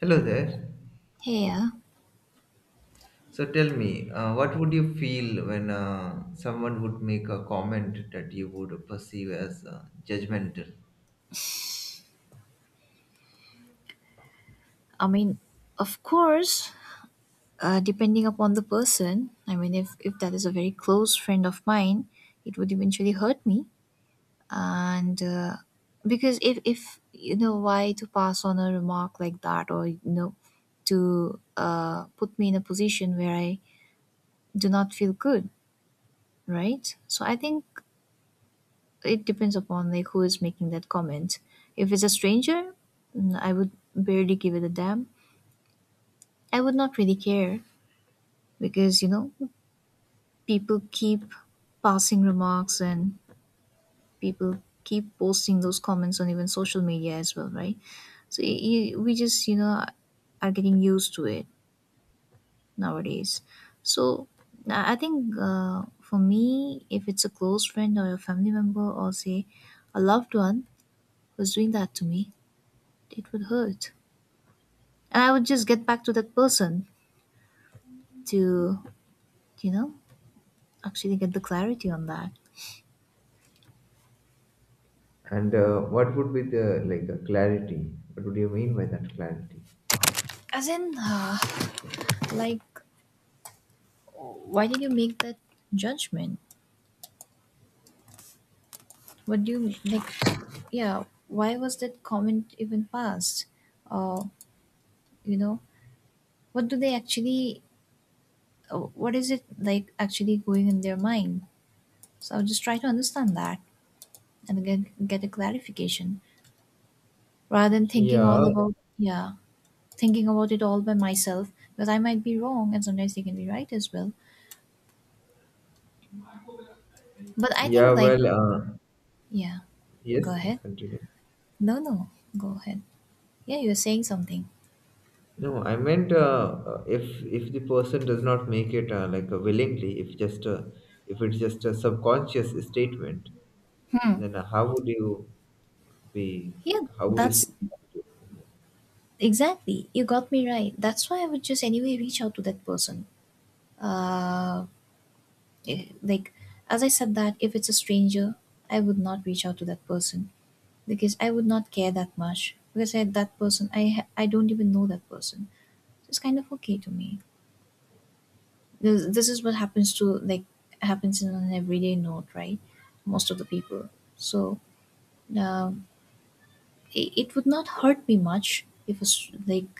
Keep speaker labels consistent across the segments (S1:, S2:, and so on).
S1: Hello there.
S2: Yeah,
S1: So tell me, what would you feel when someone would make a comment that you would perceive as judgmental?
S2: I mean, of course, depending upon the person, I mean, if that is a very close friend of mine, it would eventually hurt me. And Because if why to pass on a remark like that or to put me in a position where I do not feel good, right? So I think it depends upon, like, who is making that comment. If it's a stranger, I would barely give it a damn. I would not really care, because people keep passing remarks, and people keep posting those comments on even social media as well, right? So we just are getting used to it nowadays. so i I think, for me, if it's a close friend or a family member, or say a loved one, who's doing that to me, it would hurt, and I would just get back to that person to, you know actually get the clarity on that.
S1: And what would be the like clarity? What would you mean by that clarity?
S2: As in, like, why did you make that judgment? What do you, like, yeah, why was that comment even passed? uh you know what do they actually, what is it like actually going in their mind? So I'll just try to understand that and get a clarification, rather than thinking all
S1: Yeah,
S2: about, yeah, thinking about it all by myself, because I might be wrong, and sometimes they can be right as well. But I
S1: yeah.
S2: think, like,
S1: Well,
S2: yeah,
S1: yes.
S2: go
S1: Yes,
S2: ahead.
S1: continue.
S2: No, no, go ahead. Yeah, you're saying something.
S1: No, I meant, if the person does not make it like willingly, if just if it's just a subconscious statement,
S2: Hmm.
S1: then how would you be
S2: Yeah,
S1: like? How would you see
S2: that's
S1: that?
S2: exactly. You got me right. That's why I would just anyway reach out to that person. Uh, like, as I said, that if it's a stranger, I would not reach out to that person because I would not care that much. That person, I don't even know that person. So it's kind of okay to me. This is what happens to, like, happens in an everyday note, right? Most of the people. So, uh, it would not hurt me much if like,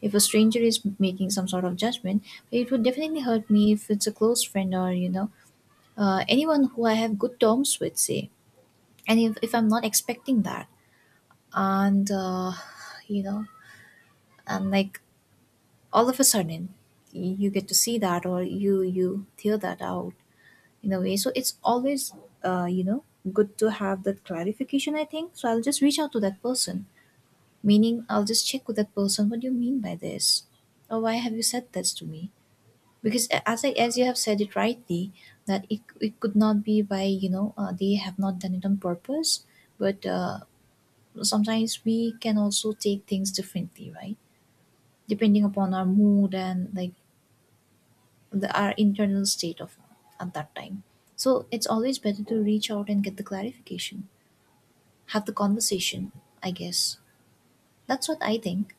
S2: if a stranger is making some sort of judgment. But it would definitely hurt me if it's a close friend, or, you know, anyone who I have good terms with, say, and if I'm not expecting that, and, you know and, like, all of a sudden, you get to see that, or you tear that out in a way. So it's always, uh, you know good to have that clarification, I think. So I'll just reach out to that person. Meaning, I'll just check with that person, what do you mean by this? Or why have you said this to me? Because, as you have said it rightly, that it could not be by, you know, they have not done it on purpose, but, sometimes we can also take things differently, right? Depending upon our mood, and, like, our internal state of at that time. So it's always better to reach out and get the clarification, have the conversation, I guess. That's what I think.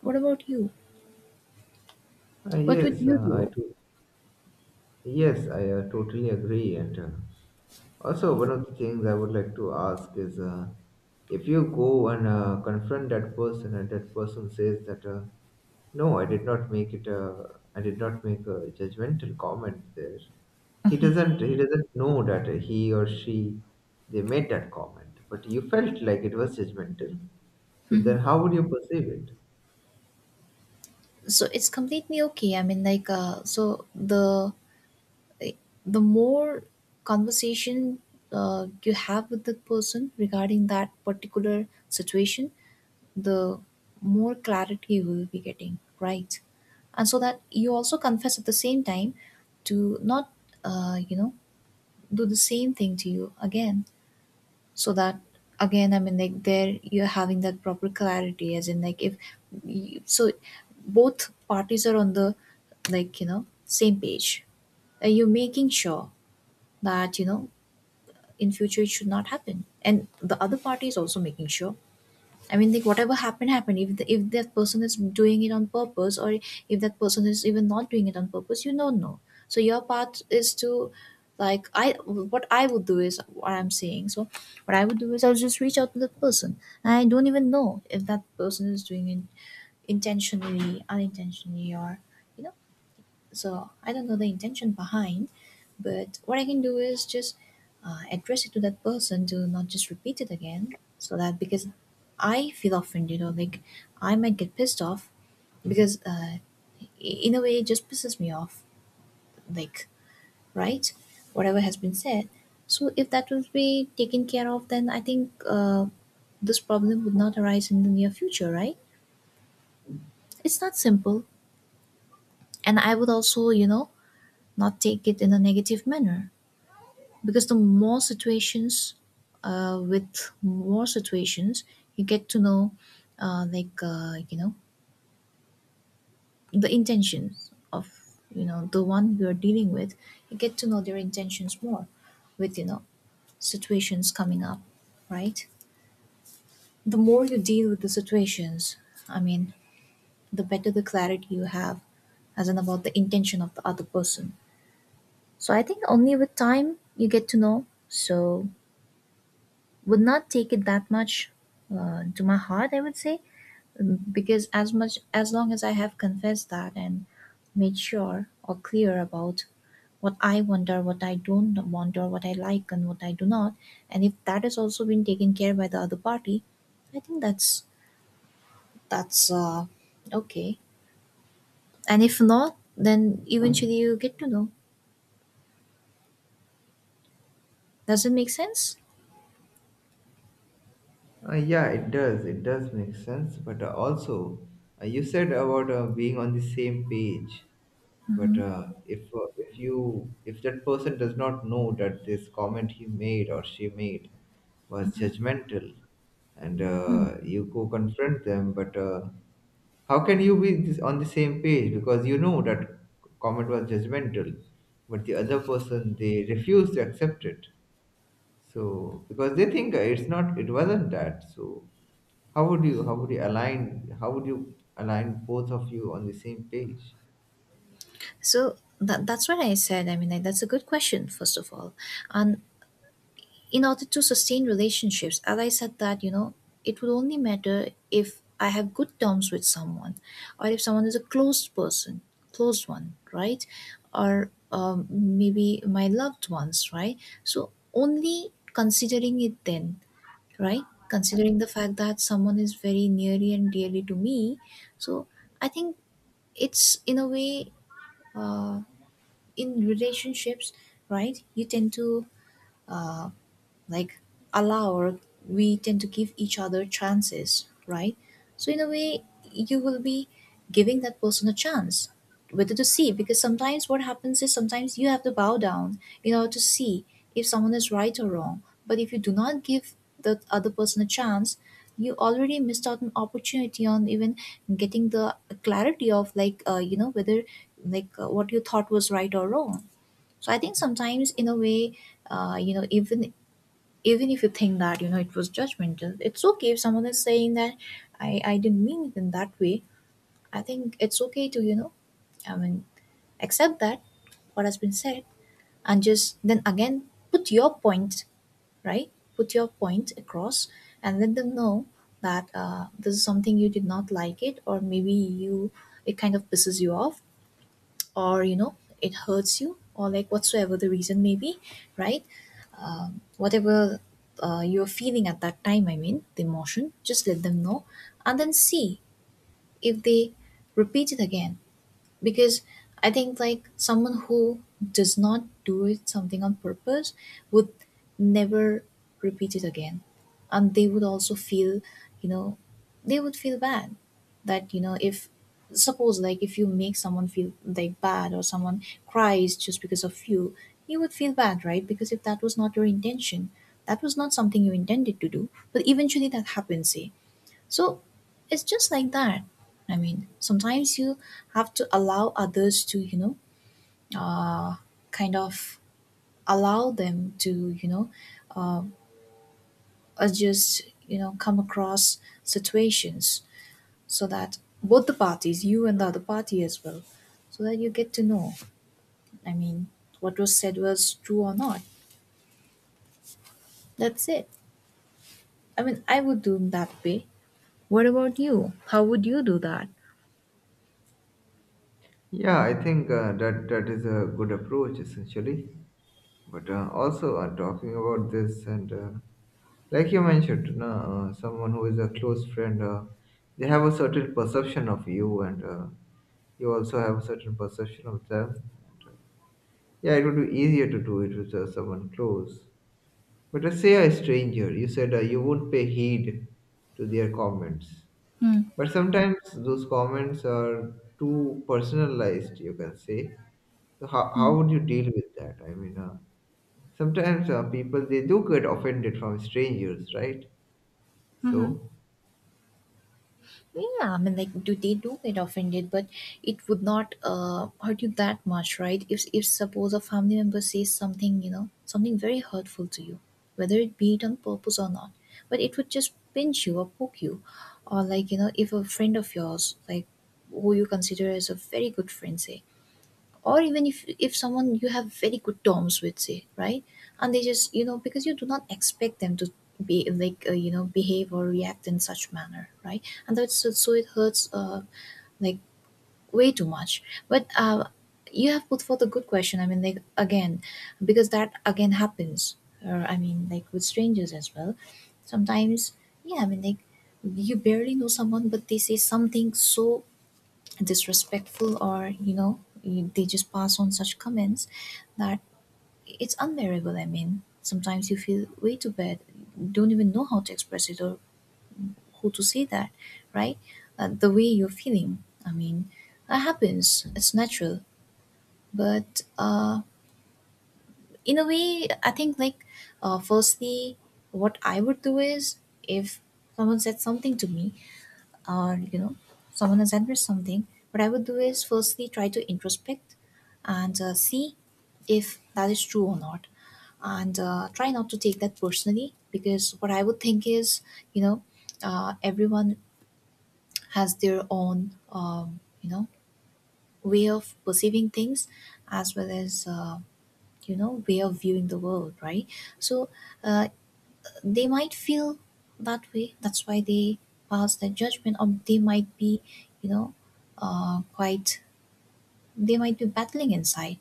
S2: What about you?
S1: Uh,
S2: What would
S1: yes,
S2: you
S1: uh, I
S2: do?
S1: to- yes, I totally agree. And also, one of the things I would like to ask is, if you go and confront that person, and that person says that, no, I did not make it. I did not make a judgmental comment there. He doesn't know that he or she they made that comment, but you felt like it was judgmental. So
S2: Mhm.
S1: then, how would you perceive it?
S2: So it's completely okay. I mean, like, so the more conversation you have with the person regarding that particular situation, the more clarity you will be getting, right? And so that you also confess at the same time to not, you know, do the same thing to you again. So that, again, I mean, like, there you're having that proper clarity, as in, like, if you, so both parties are on the, like, you know, same page. You're making sure that, you know, in future it should not happen, and the other party is also making sure. I mean, like, whatever happened, happened. If the, if that person is doing it on purpose, or if that person is even not doing it on purpose, you don't know. So your part is to, like, I, what I would do is what I'm saying. So what I would do is I'll just reach out to that person. I don't even know if that person is doing it intentionally, unintentionally, or, you know. So I don't know the intention behind, but what I can do is just address it to that person, to not just repeat it again. So that, because I feel offended, or, like, I might get pissed off, because, in a way, it just pisses me off, like, right, whatever has been said. So if that would be taken care of, then I think, this problem would not arise in the near future, right? It's not simple, and I would also, you know, not take it in a negative manner. Because the more situations, with more situations, you get to know, uh, like uh, you know the intentions of, you know, the one you're dealing with. You get to know their intentions more, with, you know, situations coming up, right? The more you deal with the situations, I mean, the better the clarity you have, as in about the intention of the other person. So I think only with time you get to know. So would not take it that much, to my heart, I would say. Because as much as long as I have confessed that, and made sure or clear about what I want, or what I don't want, or what I like and what I do not, and if that has also been taken care by the other party, I think that's, that's uh, okay. And if not, then eventually you get to know. Does it make sense?
S1: Yeah, it does. It does make sense. But also, you said about being on the same page. But if you if that person does not know that this comment he made or she made was judgmental, and you go confront them, but how can you be on the same page, because you know that comment was judgmental, but the other person they refuse to accept it. So because they think it's not, it wasn't that. So how would you align both of you on the same page?
S2: So that's what I said. I mean, like, that's a good question, first of all. And in order to sustain relationships, as I said, that, you know, it would only matter if I have good terms with someone, or if someone is a closed person, closed one, right? Or maybe my loved ones, right? So only considering it then, right, considering the fact that someone is very nearly and dearly to me. So I think it's in a way, uh, in relationships, right, you tend to, uh, like, allow, or we tend to give each other chances, right? So in a way, you will be giving that person a chance, whether to see, because sometimes what happens is, sometimes you have to bow down in order to see if someone is right or wrong. But if you do not give the other person a chance, you already missed out an opportunity on even getting the clarity of, like, you know, whether, like, what you thought was right or wrong. So I think sometimes, in a way, you know, even if you think that, you know, it was judgmental, it's okay if someone is saying that I didn't mean it in that way. I think it's okay to, you know, I mean, accept that, what has been said, and just then again put your point, right, put your point across, and let them know that, this is something you did not like it, or maybe you, it kind of pisses you off, or, you know, it hurts you, or, like, whatsoever the reason may be, right? Whatever, you're feeling at that time, I mean, the emotion, just let them know, and then see if they repeat it again. Because I think, like, someone who does not do it something on purpose would never repeat it again. And they would also feel, you know, they would feel bad that, you know, if suppose, like, if you make someone feel, like, bad, or someone cries just because of you, you would feel bad, right? Because if that was not your intention, that was not something you intended to do, but eventually that happens, see. So it's just like that. I mean, sometimes you have to allow others to, you know, kind of allow them to, you know, adjust, you know, come across situations, so that both the parties, you and the other party as well, so that you get to know, I mean, what was said was true or not. That's it. I mean, I would do that way. What about you? How would you do that?
S1: Yeah, I think that is a good approach essentially. But also, talking about this, and like you mentioned, no, someone who is a close friend, they have a certain perception of you, and you also have a certain perception of them. And, yeah, it would be easier to do it with someone close. But let say a stranger, you said you would pay heed to their comments. But sometimes those comments are too personalized, you can say. So how would you deal with that? I mean, sometimes people, they do get offended from strangers, right? So,
S2: Yeah, I mean, like, do they do get offended? But it would not hurt you that much, right? If suppose a family member says something, you know, something very hurtful to you, whether it be it on purpose or not, but it would just pinch you or poke you, or like you know, if a friend of yours, like, who you consider as a very good friend, say, or even if someone you have very good terms with, say, right? And they just you know, because you do not expect them to be like, you know, behave or react in such manner, right? And that's so it hurts, like, way too much. But you have put forth a good question. I mean, like, again, because that again happens, or I mean, like, with strangers as well, sometimes. Yeah, I mean, like, you barely know someone but they say something so disrespectful, or you know, they just pass on such comments that it's unbearable. I mean, sometimes you feel way too bad, don't even know how to express it or who to say that, right? The way you're feeling, I mean, that happens, it's natural. But in a way I think, like, firstly what I would do is, if someone said something to me, or you know someone has addressed something, what I would do is firstly try to introspect, and see if that is true or not, and try not to take that personally, because what I would think is, you know, everyone has their own, you know, way of perceiving things, as well as, you know, way of viewing the world, right? So uh, they might feel that way. That's why they pass their judgment, or they might be, you know, quite, they might be battling inside.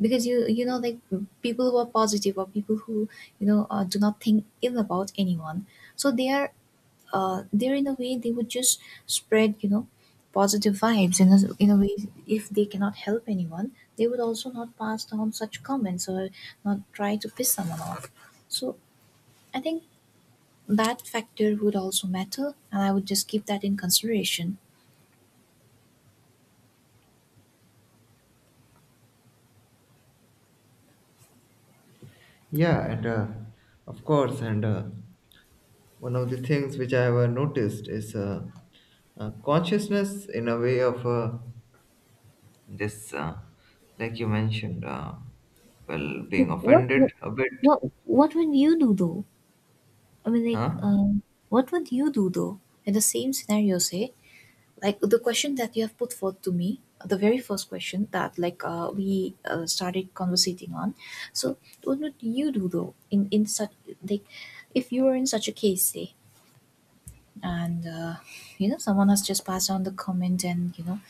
S2: Because you know, like, people who are positive, or people who you know do not think ill about anyone, so they are, they're, in a way they would just spread, you know, positive vibes in a way. If they cannot help anyone, they would also not pass down such comments or not try to piss someone off. So I think that factor would also matter, and I would just keep that in consideration.
S1: yeah, and of course, and one of the things which I have noticed is consciousness in a way of this, like you mentioned, well, being
S2: What what
S1: offended a bit.
S2: what would you do though? I mean,
S1: Huh?
S2: like, what would you do though? In the same scenario, say, like the question that you have put forth to me, the very first question that, like, we started conversating on. So, what would you do though in such, like, if you were in such a case, say, and you know someone has just passed on the comment, and you know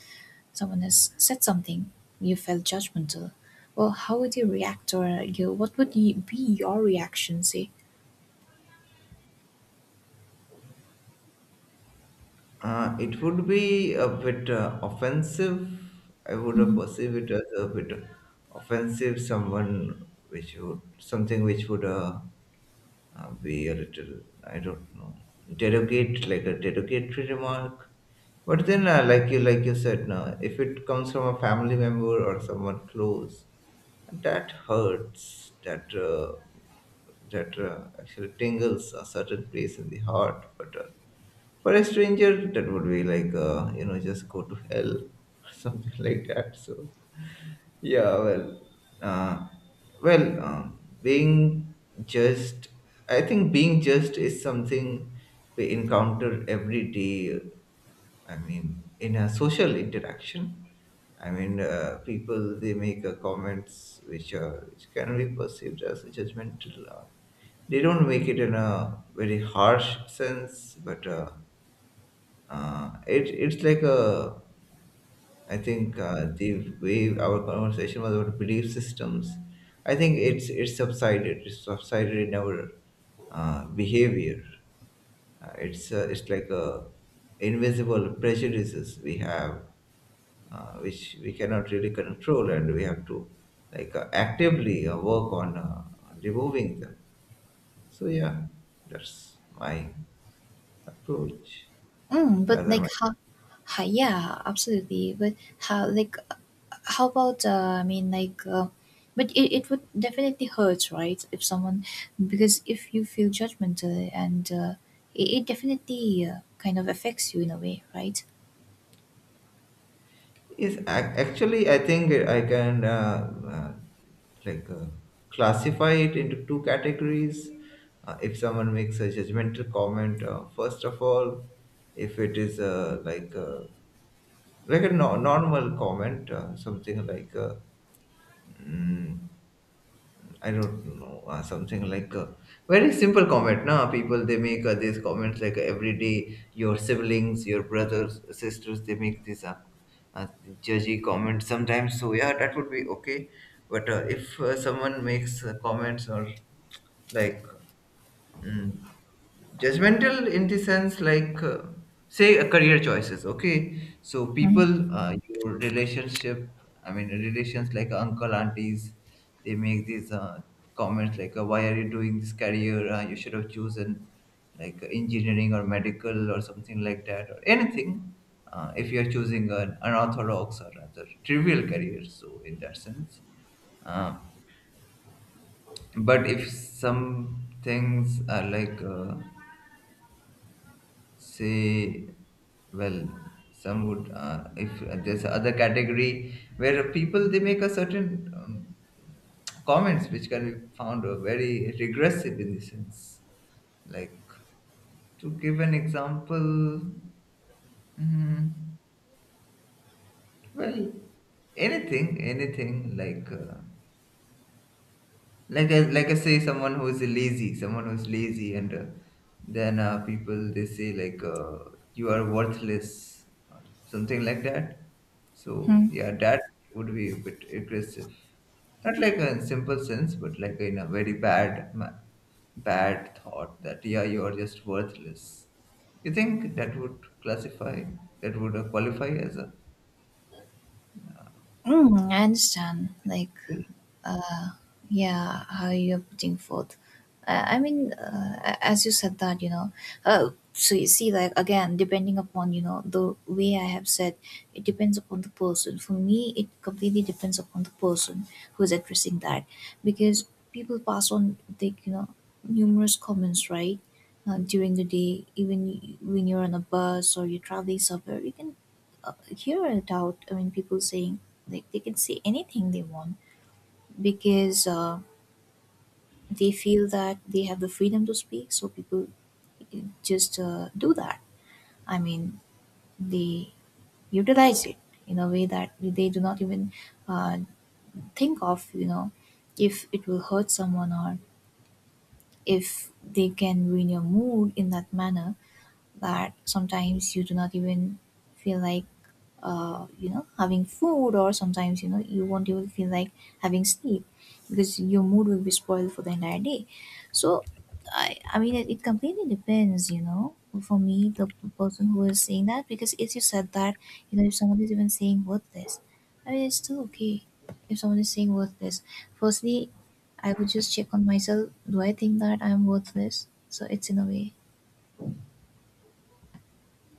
S2: someone has said something, you felt judgmental. Well, how would you react, or you what would you, be your reaction? Say,
S1: It would be a bit offensive. I would have
S2: hmm.
S1: perceived it as a bit offensive. Someone which would Something which would be a little, I don't know, derogate, like a derogatory remark. But then, like you said, now if it comes from a family member or someone close, that hurts. That actually tingles a certain place in the heart. But for a stranger, that would be like, just go to hell, or something like that. So, yeah, well, uh, being just, I think being just is something we encounter every day. I mean, in a social interaction. I mean, people they make comments which can be perceived as judgmental. They don't make it in a very harsh sense, but it it's like a I think the way our conversation was about belief systems, I think it's subsided. It's subsided in our behavior. It's like a invisible prejudices we have, which we cannot really control, and we have to like actively work on removing them. So yeah, that's my approach.
S2: But
S1: Rather,
S2: like
S1: my.
S2: how? Yeah, absolutely. But how? Like, how about? I mean, like, but it would definitely hurt, right? If someone, because if you feel judgmental, and it definitely kind of affects you in a way, right?
S1: Actually, I think I can like classify it into two categories. If someone makes a judgmental comment, first of all, if it is like a normal comment, something like mm, I don't know, something like a very simple comment. Now, people they make these comments like every day. Your siblings, your brothers, sisters, they make these uh, judgy comments sometimes. So, yeah, that would be okay. But if someone makes comments or, like, mm, judgmental in the sense, like, say, career choices, okay? So
S2: Hmm.
S1: people, your relationship, I mean relations like uncle aunties, they make these comments like, why are you doing this career, you should have chosen like engineering or medical or something like that, or anything, if you are choosing an unorthodox or rather trivial career, so in that sense. uh, but if some things are like, say, well, some would if there's other category where people they make a certain, comments which can be found very regressive in the sense. Like, to give an example, mm, well, anything like, like I say, someone who is lazy, and then people they say, like, you are worthless or something like that. So yeah, that would be a bit aggressive, not like in simple sense, but like in a very bad thought, that yeah, you are just worthless. You think that would qualify as a...
S2: Mm, I understand. Like, uh, yeah, how you're putting forth. I mean, as you said that, you know, so you see, like, again, depending upon, you know, the way I have said, it depends upon the person. For me, it completely depends upon the person who is addressing that. Because people pass on, like, you know, numerous comments, right? During the day, even when you're on a bus or you're traveling somewhere, you can hear it. I mean, people saying, like, they can say anything they want, because they feel that they have the freedom to speak. So people just do that. I mean, they utilize it in a way that they do not even uh, think of, you know, if it will hurt someone, or if they can ruin your mood in that manner. That sometimes you do not even feel like, you know, having food, or sometimes you know you won't even feel like having sleep, because your mood will be spoiled for the entire day. So I mean, it completely depends, you know. For me, the person who is saying that, because if you said that, you know, if someone is even saying worthless, I mean, it's still okay. If someone is saying worthless, firstly I would just check on myself, do I think that I'm worthless? So it's in a way.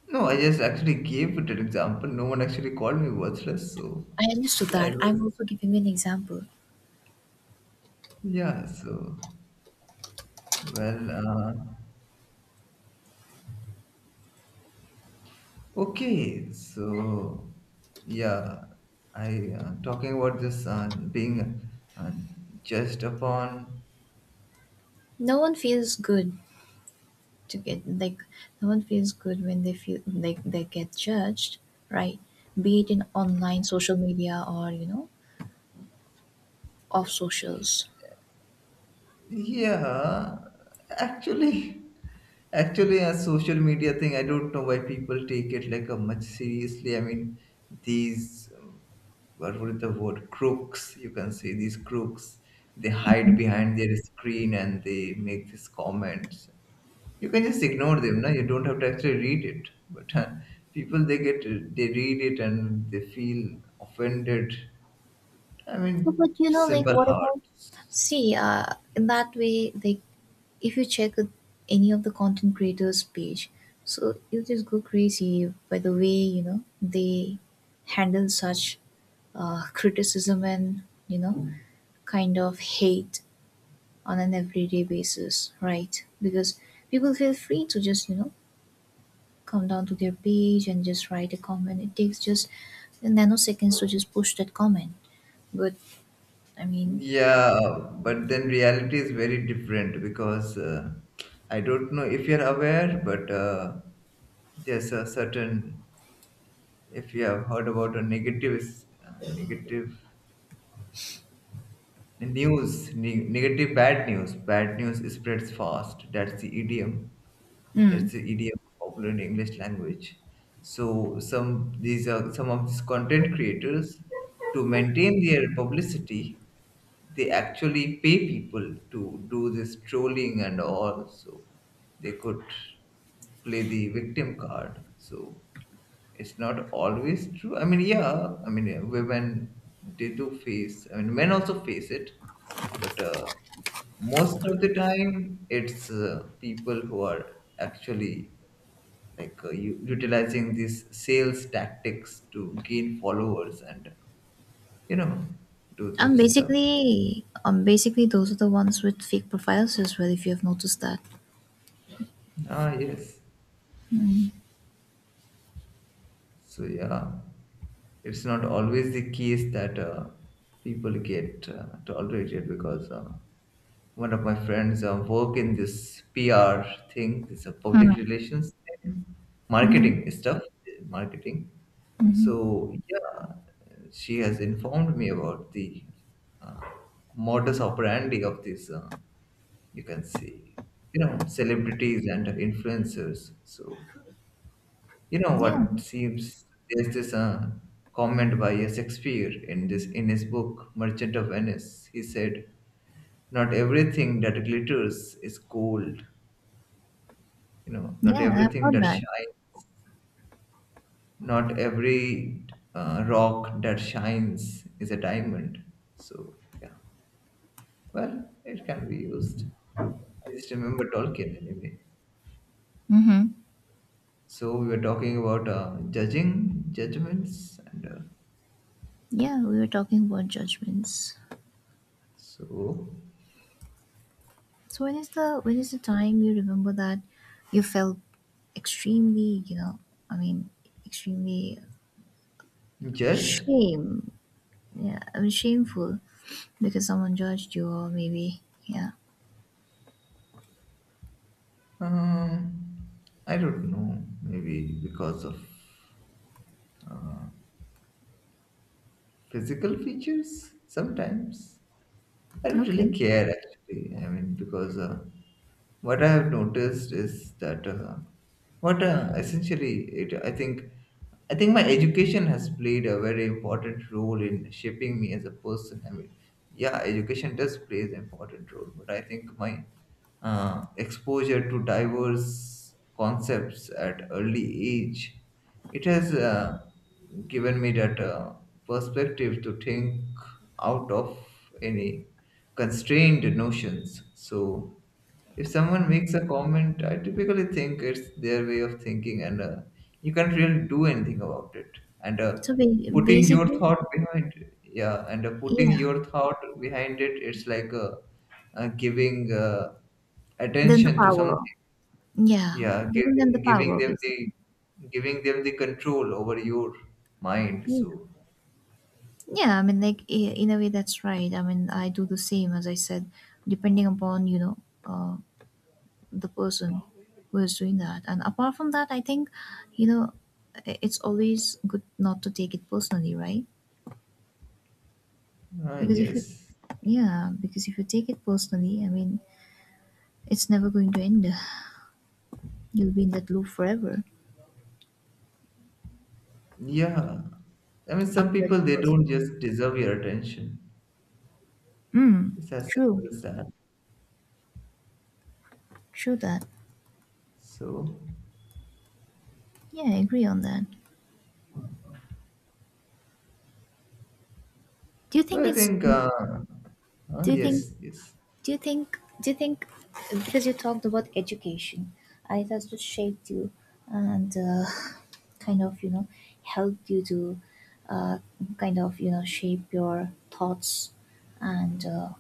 S1: No? I just actually gave it an example. No one actually called me worthless, so
S2: I understood
S1: yeah, it
S2: that.
S1: was.
S2: I'm also giving an example.
S1: Yeah, so, well, okay, so, yeah, I, talking about this, being uh, judged upon.
S2: No one feels good to get like, no one feels good when they feel like they get judged, right? Be it in online social media, or you know, off socials.
S1: Yeah, actually, actually, a social media thing, I don't know why people take it like a much seriously. I mean, these, what would the word, crooks, you can say, these crooks, they hide behind their screen and they make these comments. You can just ignore them. No, you don't have to actually read it, but people they get they read it and they feel offended. I mean,
S2: No, but you know, like
S1: simple
S2: what about.
S1: hearts.
S2: See, in that way, like, if you check with any of the content creators' page, so you just go crazy by the way, you know, they handle such criticism and, you know, kind of hate on an everyday basis, right? Because people feel free to just, you know, come down to their page and just write a comment. It takes just nanoseconds to just push that comment. But I mean,
S1: Yeah, but then reality is very different, because I don't know if you're aware, but there's a certain, if you have heard about a negative, uh, negative news. Negative, bad news. Bad news spreads fast. That's the idiom. That's the idiom popular in English language. So some these are some of these content creators to maintain their publicity. They actually pay people to do this trolling and all. So they could play the victim card. So it's not always true. I mean, yeah, I mean, women they do face, I mean, men also face it, but most of the time it's people who are actually like utilizing these sales tactics to gain followers and you know do
S2: and
S1: this stuff.
S2: basically those are the ones with fake profiles as well. If you have noticed that,
S1: Ah, yes. So yeah, it's not always the case that people get tolerated because. One of my friends work in this PR thing, this public relations thing,
S2: hmm.
S1: marketing stuff, marketing. So yeah, she has informed me about the uh, modus operandi of this. You can see, you know, celebrities and influencers. So you know
S2: Yeah,
S1: what seems, there's this comment by Shakespeare in this in his book Merchant of Venice. He said, not everything that glitters is gold. You know,
S2: yeah,
S1: not
S2: I've
S1: everything
S2: heard
S1: that
S2: that.
S1: shines, not every rock that shines is a diamond. So yeah, well, it can be used. I just remember Tolkien anyway.
S2: Hmm.
S1: So we were talking about judging judgments, and
S2: Yeah, we were talking about judgments.
S1: so
S2: So when is the time you remember that you felt extremely, you know, I mean, extremely
S1: just,
S2: shame? Yeah, I mean, shameful, because someone judged you, or maybe, yeah.
S1: um, I don't know, maybe because of physical features sometimes. I don't really
S2: Okay.
S1: care, actually. I mean, because what I have noticed is that, I think my education has played a very important role in shaping me as a person. I mean, yeah, education does play an important role, but I think my exposure to diverse concepts at early age, it has given me that perspective to think out of any constrained notions. So, if someone makes a comment, I typically think it's their way of thinking, and you can't really do anything about it. And
S2: So
S1: putting your
S2: basically,
S1: thought behind, yeah, and putting
S2: yeah.
S1: your thought behind it, it's like giving
S2: Then the
S1: attention to
S2: power.
S1: something.
S2: Yeah,
S1: Yeah,
S2: giving them the power, basically.
S1: giving them the control over your mind,
S2: Yeah.
S1: so...
S2: Yeah, I mean, like, in a way, that's right. I mean, I do the same, as I said, depending upon, you know, uh, the person who is doing that. And apart from that, I think, you know, it's always good not to take it personally, right?
S1: Ah,
S2: Because if you,
S1: yes.
S2: Yeah, because if you take it personally, I mean, it's never going to end. You'll be in that loop forever
S1: Yeah, I mean,
S2: of
S1: some people
S2: judging
S1: they don't
S2: person.
S1: just deserve your attention.
S2: Mm,
S1: It's as
S2: true,
S1: simple as that.
S2: true that.
S1: So
S2: Yeah, I agree on that. Do you
S1: so
S2: think
S1: I
S2: it's
S1: think,
S2: Do you think?
S1: yes, yes,
S2: Do you think? Do you think? Because you talked about education, and it has to shape you and kind of, you know, help you to uh, kind of, you know, shape your thoughts, and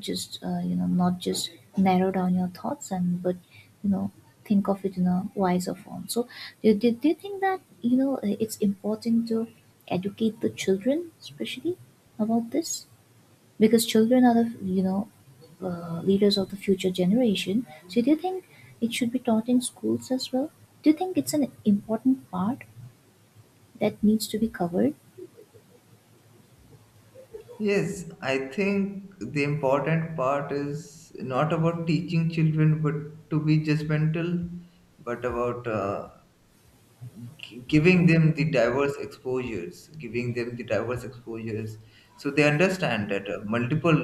S2: just you know, not just narrow down your thoughts and, but you know, think of it in a wiser form. So do you think that you know it's important to educate the children especially about this? Because children are the, you know, leaders of the future generation. So do you think it should be taught in schools as well? Do you think it's an important part that needs to be covered?
S1: yes, I think the important part is not about teaching children, but to be judgmental, but about, giving them the diverse exposures, so they understand that multiple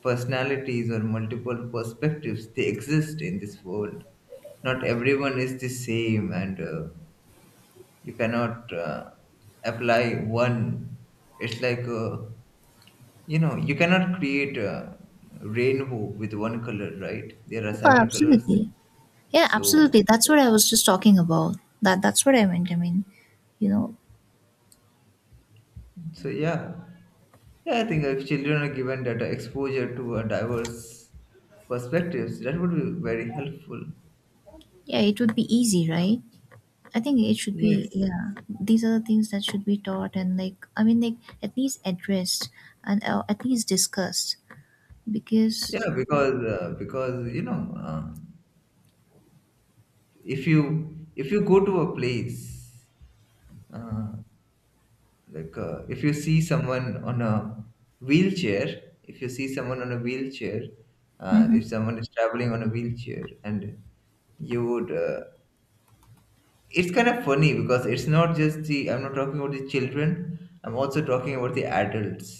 S1: personalities or multiple perspectives they exist in this world. Not everyone is the same, and you cannot apply one. It's like, you know, you cannot create a rainbow with one color, right? There are
S2: Oh,
S1: seven colors there,
S2: absolutely. Yeah,
S1: so.
S2: absolutely. That's what I was just talking about. That's what I meant. I mean, you know,
S1: So yeah, yeah, I think if children are given data exposure to a diverse perspectives, that would be very helpful.
S2: yeah, it would be easy, right? I think it should be,
S1: Yes.
S2: yeah. These are the things that should be taught, and, like, I mean, like, at least addressed and at least discussed, because
S1: Yeah, because because, you know, if you go to a place, uh, like, if you see someone on a wheelchair, if you see someone on a wheelchair, if
S2: mm-hmm.
S1: someone is traveling on a wheelchair, and you would, it's kind of funny, because it's not just the I'm not talking about the children, I'm also talking about the adults.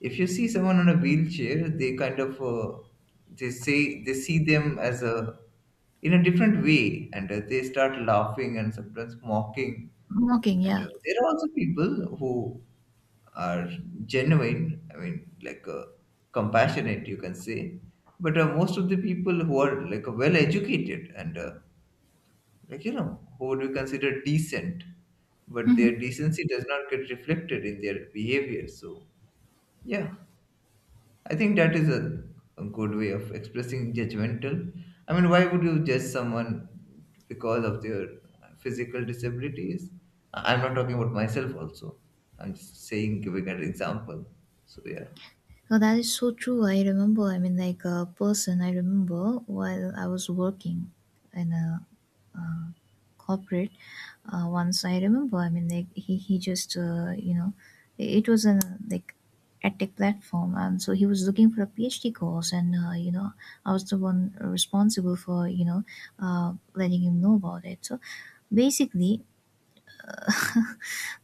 S1: If you see someone on a wheelchair, they kind of, they see them as a in a different way, and they start laughing and sometimes mocking.
S2: Mocking,
S1: And
S2: yeah.
S1: there are also people who are genuine, I mean, like, compassionate, you can say. But most of the people who are like well educated, and like, you know, who would be considered decent, but
S2: Mhm.
S1: their decency does not get reflected in their behavior, so yeah. I think that is a good way of expressing judgmental. I mean, why would you judge someone because of their physical disabilities? I'm not talking about myself also, I'm just saying, giving an example. So yeah,
S2: Oh, that is so true. I remember, I mean, like, a person I remember while I was working in a corporate. Once I remember, I mean, like, he just, you know, it was a like a tech platform. And so he was looking for a PhD course. And, you know, I was the one responsible for, you know, letting him know about it. So basically,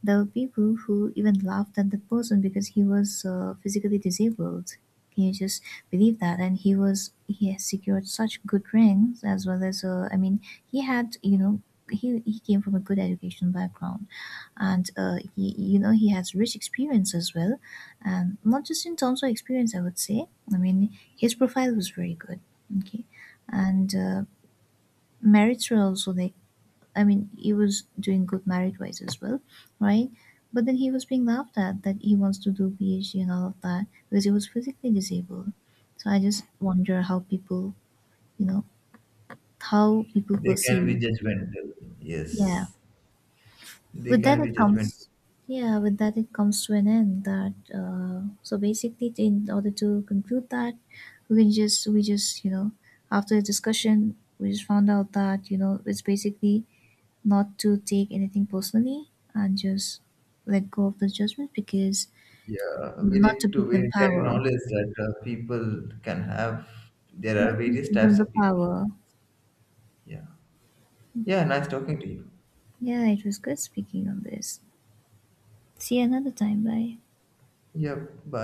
S2: there were people who even laughed at the person because he was physically disabled. Can you just believe that? And he was He has secured such good ranks, as well as, I mean, he had, you know, he came from a good educational background, and he, you know, he has rich experience as well, and not just in terms of experience, I would say. I mean, his profile was very good. Okay, and merits were also there. I mean, he was doing good married wise as well, right? But then he was being laughed at that he wants to do PhD and all of that because he was physically disabled. So I just wonder how people, you know, how people
S1: they can be
S2: perceive.
S1: judgmental.
S2: Yeah.
S1: Yes, they
S2: With that,
S1: can
S2: it
S1: be judgmental.
S2: comes. Yeah, with that, it comes to an end. That so basically, in order to conclude that, we just, you know, after the discussion, we just found out that you know it's basically not to take anything personally and just let go of the judgment, because
S1: Yeah, we
S2: not to
S1: need to,
S2: give them power.
S1: acknowledge that people can have... There are
S2: Not to
S1: various
S2: give them
S1: types
S2: the
S1: of people.
S2: power.
S1: Yeah. Yeah, nice talking to you.
S2: Yeah, it was good speaking on this. See you another time. Bye.
S1: Yeah, bye.